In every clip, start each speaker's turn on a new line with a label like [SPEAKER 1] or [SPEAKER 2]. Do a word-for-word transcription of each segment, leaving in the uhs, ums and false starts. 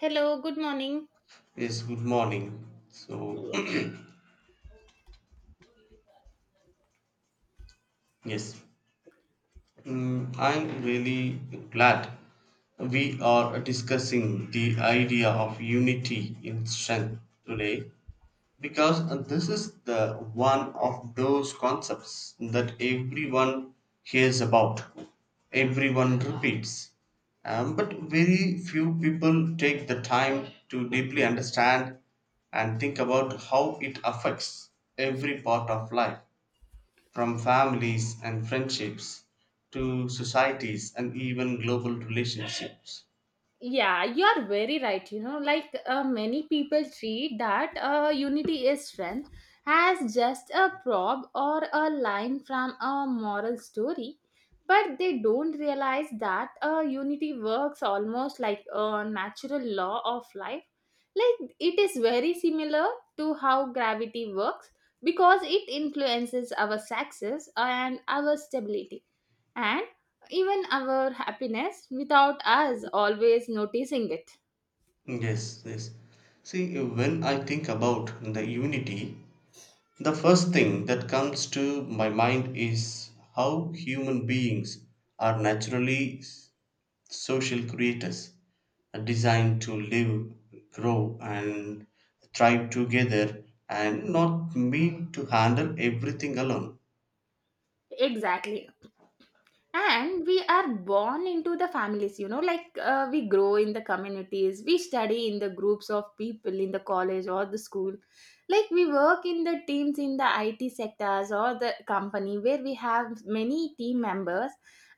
[SPEAKER 1] Hello, good morning.
[SPEAKER 2] Yes, good morning. So,
[SPEAKER 1] Yeah,
[SPEAKER 2] yes, mm, I'm really glad we are discussing the idea of unity in strength today because this is the one of those concepts that everyone hears about, everyone repeats, um, but very few people take the time to deeply understand and think about how it affects every part of life. From families and friendships to societies and even global relationships.
[SPEAKER 1] yeah, you are very right. You know, like uh, many people treat that uh, unity is strength as just a prop or a line from a moral story, but they don't realize that uh, unity works almost like a natural law of life. Like it is very similar to how gravity works because it influences our success and our stability. And even our happiness without us always noticing it.
[SPEAKER 2] Yes, yes. See, when I think about the unity, the first thing that comes to my mind is how human beings are naturally s- social creators, uh, designed to live, grow, and thrive together and not meant to handle everything alone.
[SPEAKER 1] Exactly. And we are born into the families, you know, like uh, we grow in the communities, we study in the groups of people in the college or the school, like we work in the teams in the IT sectors or the company where we have many team members,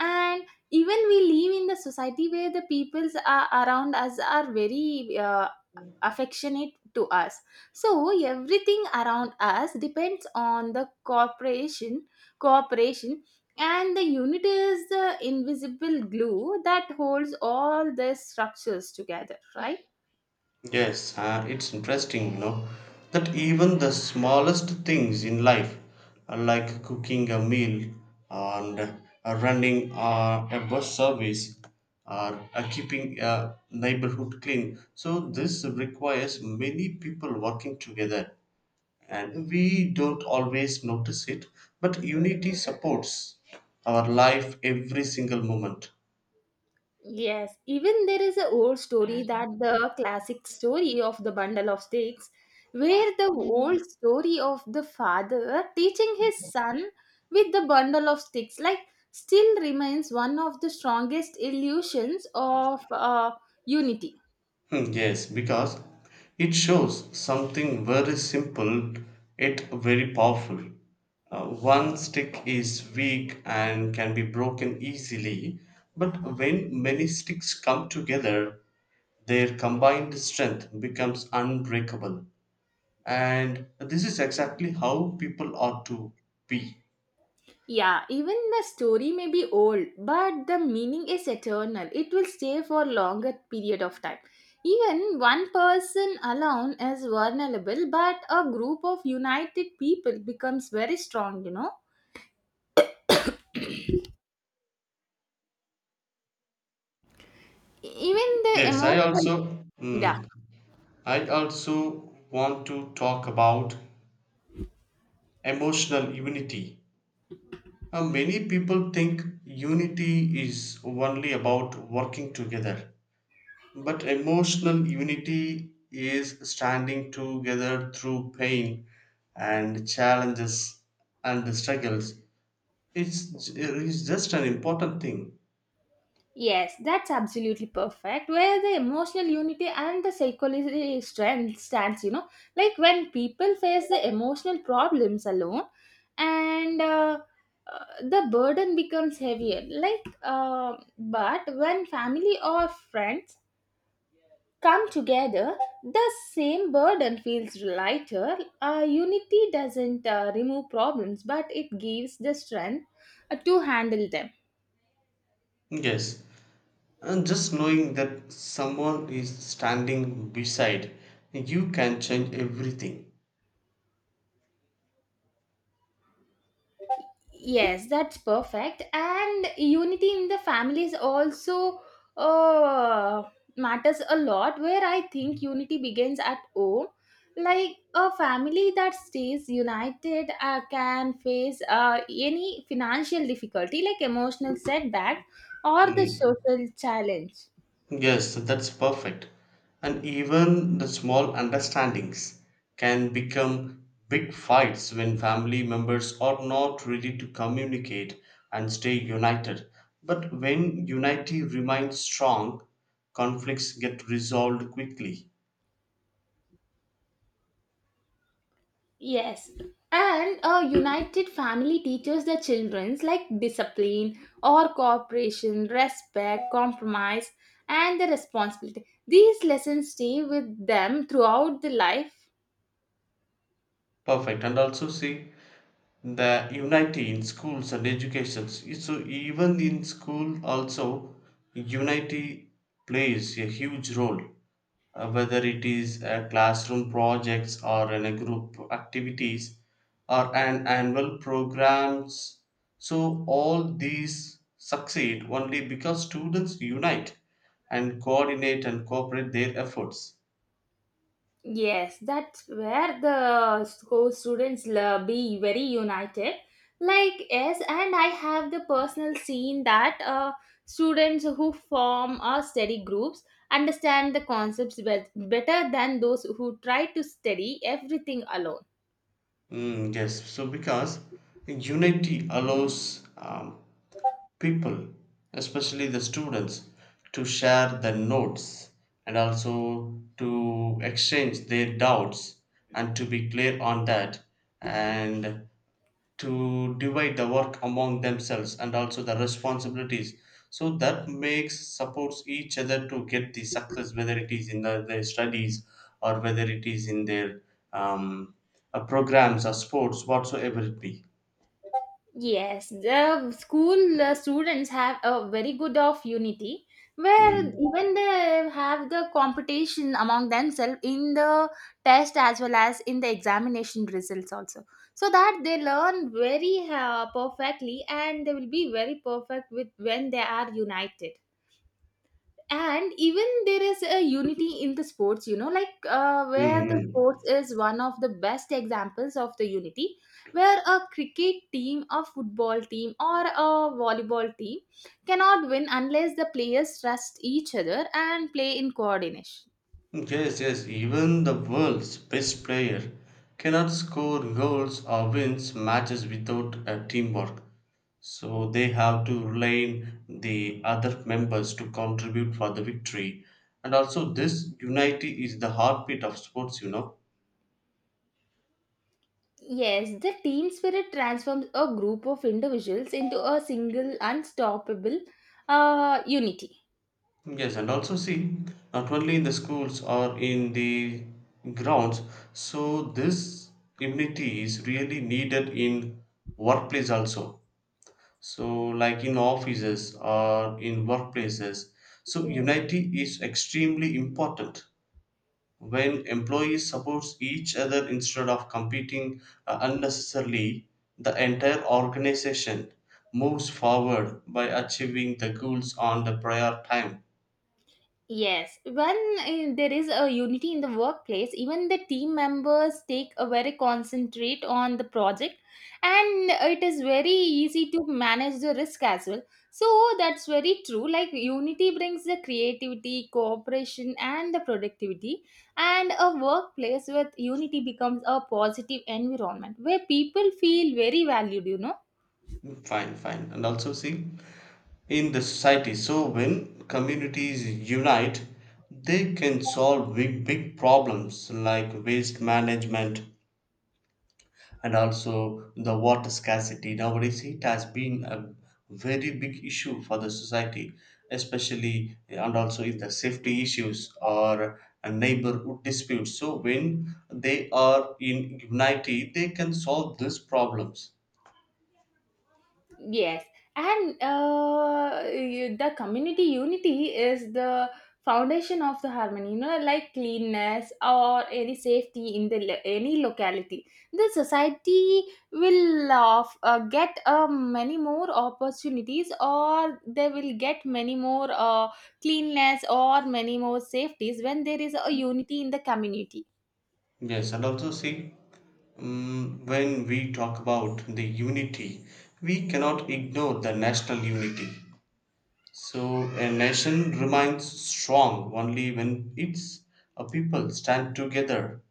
[SPEAKER 1] and even we live in the society where the peoples are around us are very uh, affectionate to us, so everything around us depends on the corporation, cooperation, and the unit is the invisible glue that holds all the structures together, right?
[SPEAKER 2] Yes, and it's interesting, you know, that even the smallest things in life, uh, like cooking a meal and uh, running uh, a bus service or uh, keeping a neighborhood clean, so this requires many people working together, and we don't always notice it, but unity supports our life every single moment.
[SPEAKER 1] Yes, even there is an old story, that the classic story of the bundle of sticks, where the old story of the father teaching his son with the bundle of sticks, like still remains one of the strongest illusions of uh, unity.
[SPEAKER 2] Hmm. Yes, because it shows something very simple yet very powerful. Uh, one stick is weak and can be broken easily, but when many sticks come together, their combined strength becomes unbreakable. And this is exactly how people ought to be.
[SPEAKER 1] Yeah, even the story may be old, but the meaning is eternal. It will stay for longer period of time. Even one person alone is vulnerable, but a group of united people becomes very strong, you know. Even the
[SPEAKER 2] Yes, I
[SPEAKER 1] emotional,
[SPEAKER 2] also,
[SPEAKER 1] yeah.
[SPEAKER 2] hmm, I also want to talk about emotional unity. Uh, many people think unity is only about working together, but emotional unity is standing together through pain and challenges and struggles. It's, it's just an important thing.
[SPEAKER 1] Yes, that's absolutely perfect. Where the emotional unity and the psychological strength stands, you know, like when people face the emotional problems alone, and uh, uh, the burden becomes heavier. Like, uh, but when family or friends come together, the same burden feels lighter. Uh, unity doesn't uh, remove problems, but it gives the strength uh, to handle them.
[SPEAKER 2] Yes, and just knowing that someone is standing beside you can change everything.
[SPEAKER 1] Yes, that's perfect. And unity in the families also uh, matters a lot, where I think unity begins at home. Like a family that stays united uh, can face uh, any financial difficulty, like emotional setback or the
[SPEAKER 2] Mm.
[SPEAKER 1] social challenge.
[SPEAKER 2] Yes, that's perfect. And even the small understandings can become big fights when family members are not ready to communicate and stay united. But when unity remains strong, conflicts get resolved quickly.
[SPEAKER 1] Yes. And a united family teaches the childrens, like discipline or cooperation, respect, compromise, and the responsibility. These lessons stay with them throughout the life.
[SPEAKER 2] Perfect. And also see the unity in schools and educations. So even in school also unity plays a huge role, uh, whether it is a classroom projects or in a group activities or an annual programs, so all these succeed only because students unite and coordinate and cooperate their efforts.
[SPEAKER 1] Yes, that's where the school students will be very united. Like, yes, and I have the personal seen that uh, students who form a study groups understand the concepts bet- better than those who try to study everything alone.
[SPEAKER 2] Mm, yes, so because unity allows um, people, especially the students, to share the notes and also to exchange their doubts and to be clear on that and to divide the work among themselves and also the responsibilities. So that makes supports each other to get the success, whether it is in the, their studies or whether it is in their um, uh, programs or sports, whatsoever it be.
[SPEAKER 1] Yes, the school uh, students have a very good of unity, where
[SPEAKER 2] Mm.
[SPEAKER 1] even they have the competition among themselves in the test as well as in the examination results also, so that they learn very uh, perfectly, and they will be very perfect with when they are united. And even there is a unity in the sports, you know, like uh,
[SPEAKER 2] Mm,
[SPEAKER 1] where the
[SPEAKER 2] mm.
[SPEAKER 1] sports is one of the best examples of the unity, where a cricket team, a football team, or a volleyball team cannot win unless the players trust each other and play in coordination.
[SPEAKER 2] Yes, yes, even the world's best player cannot score goals or wins matches without a teamwork. So they have to rely on the other members to contribute for the victory. And also, this unity is the heartbeat of sports, you know.
[SPEAKER 1] Yes, the team spirit transforms a group of individuals into a single unstoppable uh, unity.
[SPEAKER 2] Yes, and also see, not only in the schools or in the grounds, so this immunity is really needed in workplace also. So like in offices or in workplaces, so unity is extremely important. When employees support each other instead of competing uh, unnecessarily, the entire organization moves forward by achieving the goals on the prior time.
[SPEAKER 1] Yes, when uh, there is a unity in the workplace, even the team members take a very concentrate on the project, and it is very easy to manage the risk as well. So that's very true. Like unity brings the creativity, cooperation, and the productivity, and a workplace with unity becomes a positive environment where people feel very valued, you know.
[SPEAKER 2] Fine, fine, and also see, in the society, so when communities unite, they can solve big big problems like waste management and also the water scarcity. Nowadays, it has been a very big issue for the society, especially, and also is the safety issues or a neighborhood disputes. So when they are in unity, they can solve these problems.
[SPEAKER 1] Yes, and uh, you- the community unity is the foundation of the harmony. You know, like cleanness or any safety in the lo- any locality, the society will of uh, get uh, many more opportunities, or they will get many more uh, cleanness or many more safeties when there is a unity in the community.
[SPEAKER 2] Yes, and also see, mm, when we talk about the unity, we cannot ignore the national unity. So a nation remains strong only when its uh, people stand together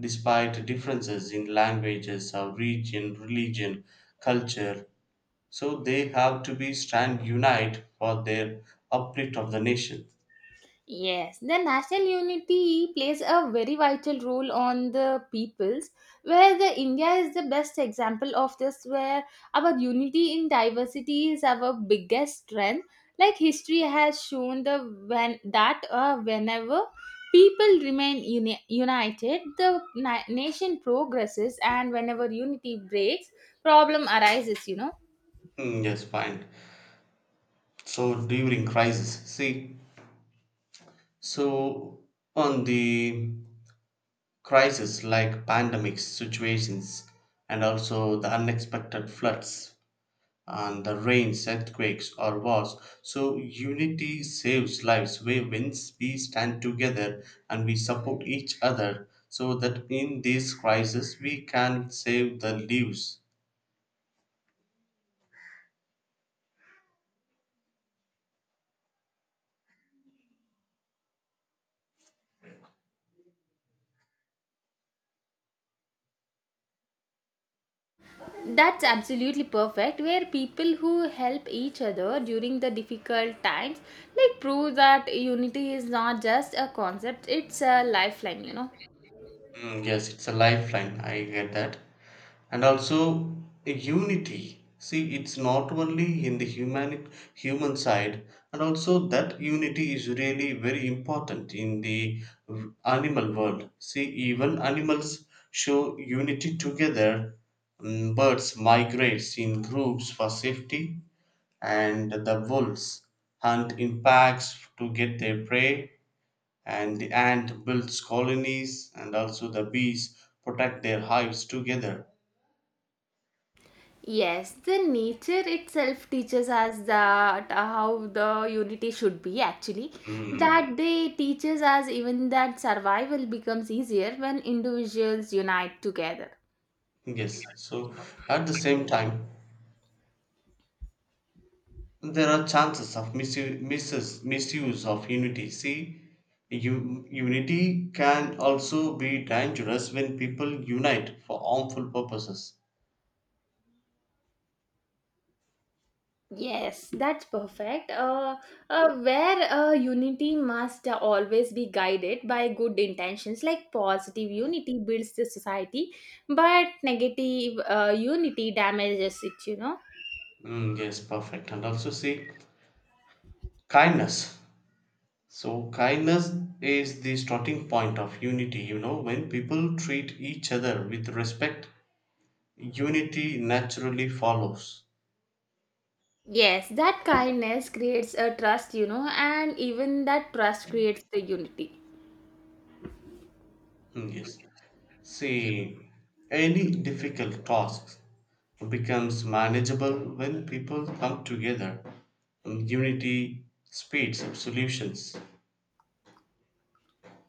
[SPEAKER 2] despite differences in languages or region, religion, culture. So they have to be stand unite for their uplift of the nation.
[SPEAKER 1] Yes, the national unity plays a very vital role on the peoples, where the India is the best example of this, where our unity in diversity is our biggest strength. Like history has shown the when that uh, whenever people remain uni- united, the na- nation progresses, and whenever unity breaks, problem arises, you know.
[SPEAKER 2] Hmm, yes, fine. So during crisis, see, so on the crisis like pandemics, situations, and also the unexpected floods, and the rains, earthquakes, or wars. So, unity saves lives. We, when we stand together and we support each other, so that in this crisis we can save the lives.
[SPEAKER 1] That's absolutely perfect. Where people who help each other during the difficult times, like prove that unity is not just a concept, it's a lifeline, you know.
[SPEAKER 2] Mm, yes, it's a lifeline. I get that. And also, a unity, see, it's not only in the human human side, and also that unity is really very important in the w- animal world. See, even animals show unity together. Mm, birds migrate in groups for safety, and the wolves hunt in packs to get their prey, and the ant builds colonies, and also the bees protect their hives together.
[SPEAKER 1] Yes, the nature itself teaches us that uh, how the unity should be actually.
[SPEAKER 2] Mm.
[SPEAKER 1] That they teaches us even that survival becomes easier when individuals unite together.
[SPEAKER 2] Yes. So at the same time, there are chances of misuse, misuse, misuse of unity. See, u- unity can also be dangerous when people unite for harmful purposes.
[SPEAKER 1] Yes, that's perfect. Uh, uh, where uh, unity must uh, always be guided by good intentions, like positive unity builds the society, but negative uh, unity damages it, you know.
[SPEAKER 2] Mm, yes, perfect. And also see kindness. So kindness is the starting point of unity. You know, when people treat each other with respect, unity naturally follows.
[SPEAKER 1] Yes, that kindness creates a trust, you know, and even that trust creates the unity.
[SPEAKER 2] Mm. Yes. See, any difficult task becomes manageable when people come together. Mm. Unity speeds up solutions.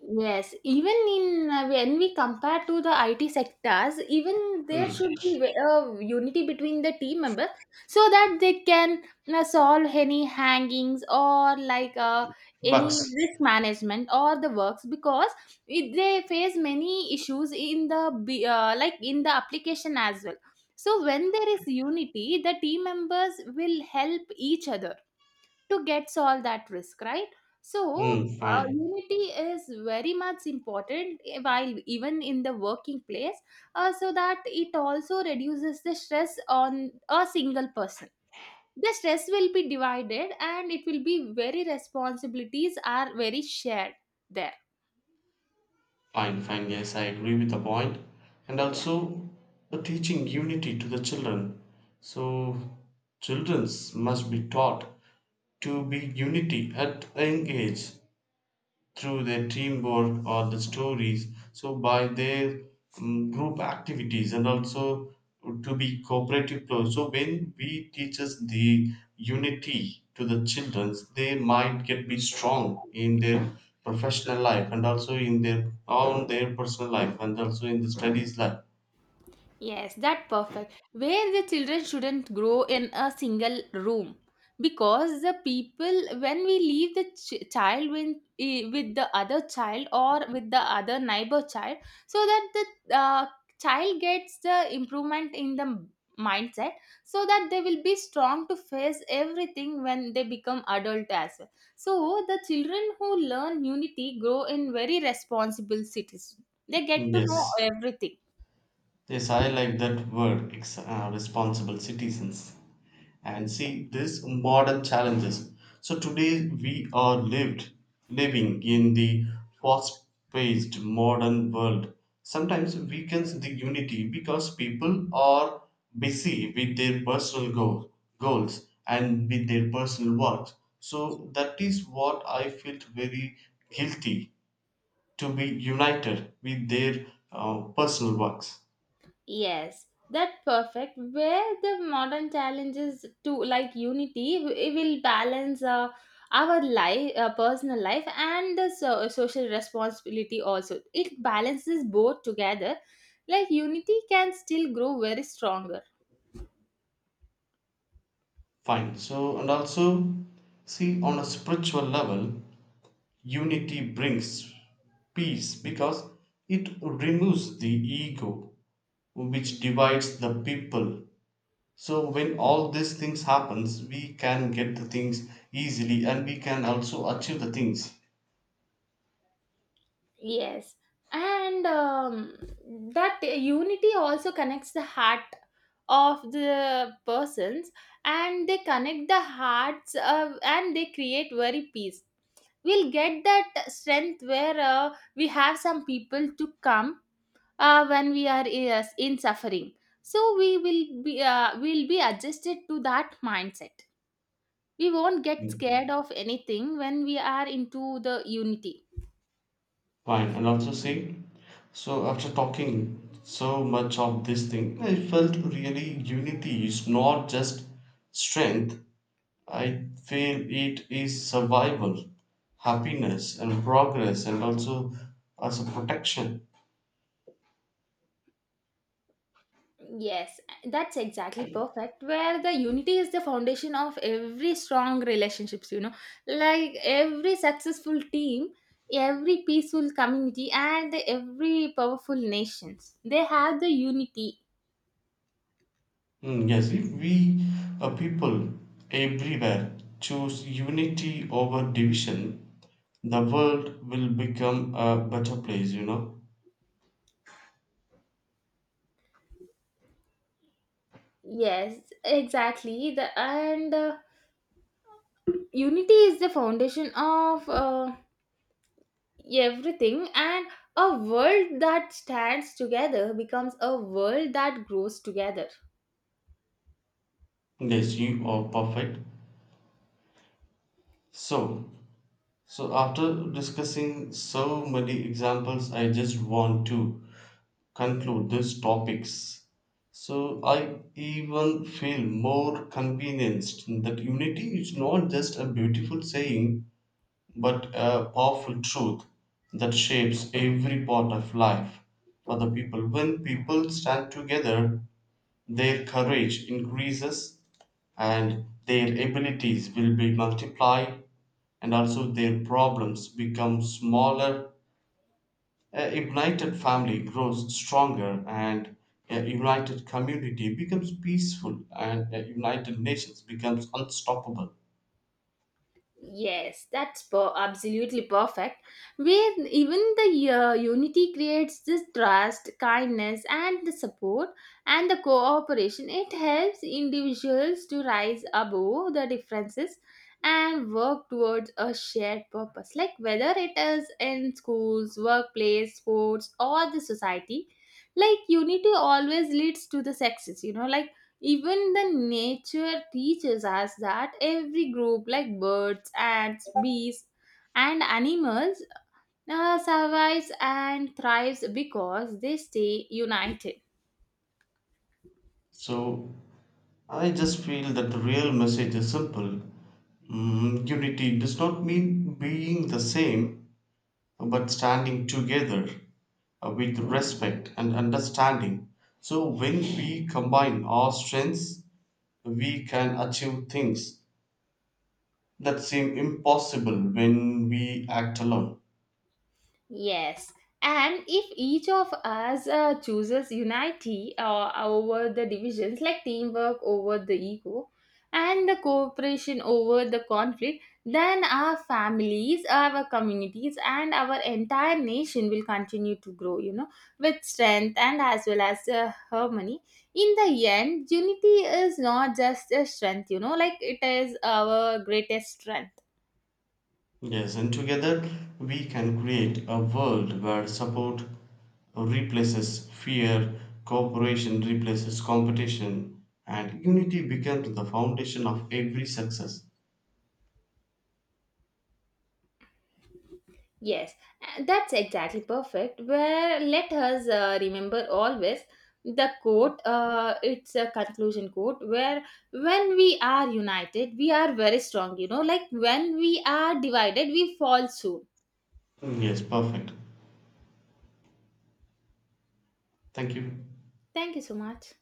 [SPEAKER 1] Yes, even in uh, when we compare to the I T sectors, even there
[SPEAKER 2] Mm.
[SPEAKER 1] should be a unity between the team members so that they can uh, solve any hangings or like uh, any
[SPEAKER 2] Bugs.
[SPEAKER 1] risk management or the works because it, they face many issues in the be- uh, like in the application as well. So when there is unity, the team members will help each other to get all that risk right. So
[SPEAKER 2] Mm,
[SPEAKER 1] uh,
[SPEAKER 2] fine,
[SPEAKER 1] unity is very much important, eh, while even in the working place, uh, so that it also reduces the stress on a single person. The stress will be divided, and it will be very responsibilities are very shared there.
[SPEAKER 2] fine, fine. Yes, I agree with the point. And also, the teaching unity to the children. So, children must be taught to be unity at a young age, through their teamwork or the stories, so by their mm, group activities, and also to be cooperative close. So when we teaches the unity to the children, they might get be strong in their professional life, and also in their own their personal life, and also in the studies life.
[SPEAKER 1] Yes, that perfect. Where the children shouldn't grow in a single room, because the people when we leave the ch- child with, eh, with the other child or with the other neighbor child, so that the uh, child gets the improvement in the mindset, so that they will be strong to face everything when they become adult as well. So the children who learn unity grow in very responsible cities. They get to know
[SPEAKER 2] Yes,
[SPEAKER 1] everything.
[SPEAKER 2] yes, I like that word ex- uh, responsible citizens. And see these modern challenges, so today we are lived living in the fast-paced modern world sometimes weakens the unity because people are busy with their personal goal, goals and with their personal work. So that is what I felt very guilty to be united with their uh, personal works.
[SPEAKER 1] Yes, that perfect. Where the modern challenges to like unity, we will balance uh, our life, uh, personal life, and the so- social responsibility also. It balances both together. Like unity can still grow very strong.
[SPEAKER 2] Fine, so and also see, on a spiritual level, unity brings peace because it removes the ego which divides the people. So when all these things happens, we can get the things easily and we can also achieve the things.
[SPEAKER 1] Yes, and um, that uh, unity also connects the heart of the persons, and they connect the hearts, uh, and they create very peace. We'll get that strength where uh, we have some people to come uh, when we are is- in suffering. So we will be uh, will be adjusted to that mindset. We won't get
[SPEAKER 2] Mm.
[SPEAKER 1] scared of anything when we are into the unity.
[SPEAKER 2] Fine. And also see, so after talking so much of this thing, I felt really unity is not just strength, I feel it is survival, happiness, and progress, and also as a protection.
[SPEAKER 1] Yes, that's exactly perfect. Where the unity is the foundation of every strong relationships, you know, like every successful team, every peaceful community, and every powerful nations. They have the unity.
[SPEAKER 2] Mm, yes, if we, a people everywhere, choose unity over division, the world will become a better place. You know.
[SPEAKER 1] Yes, exactly. The and uh, unity is the foundation of uh, everything, and a world that stands together becomes a world that grows together.
[SPEAKER 2] Yes, you are perfect. So, so after discussing so many examples, I just want to conclude these topics. So I even feel more convinced that unity is not just a beautiful saying, but a powerful truth that shapes every part of life for the people. When people stand together, their courage increases and their abilities will be multiplied, and also their problems become smaller. A united family grows stronger, and a united community becomes peaceful, and a united nations becomes unstoppable.
[SPEAKER 1] Yes, that's per- absolutely perfect. Where even the uh, unity creates this trust, kindness, and the support and the cooperation, it helps individuals to rise above the differences and work towards a shared purpose. Like whether it is in schools, workplace, sports, or the society, like unity always leads to the success, you know, like even the nature teaches us that every group, like birds, ants, bees, and animals, uh, survives and thrives because they stay united.
[SPEAKER 2] So I just feel that the real message is simple. Mm, unity does not mean being the same, but standing together uh, with respect and understanding. So when we combine our strengths, we can achieve things that seem impossible when we act alone.
[SPEAKER 1] Yes. And if each of us uh, chooses unity uh, over the divisions, like teamwork over the ego, and the cooperation over the conflict, then our families, our communities, and our entire nation will continue to grow, you know, with strength and as well as uh, harmony. In the end, unity is not just a strength, you know, like it is our greatest strength.
[SPEAKER 2] Yes, and together we can create a world where support replaces fear, cooperation replaces competition, and unity becomes the foundation of every success.
[SPEAKER 1] Yes, and that's exactly perfect. Where let us uh, remember always the quote. Uh, it's a conclusion quote where when we are united, we are very strong. You know, like when we are divided, we fall soon.
[SPEAKER 2] Yes, perfect. Thank you.
[SPEAKER 1] Thank you so much.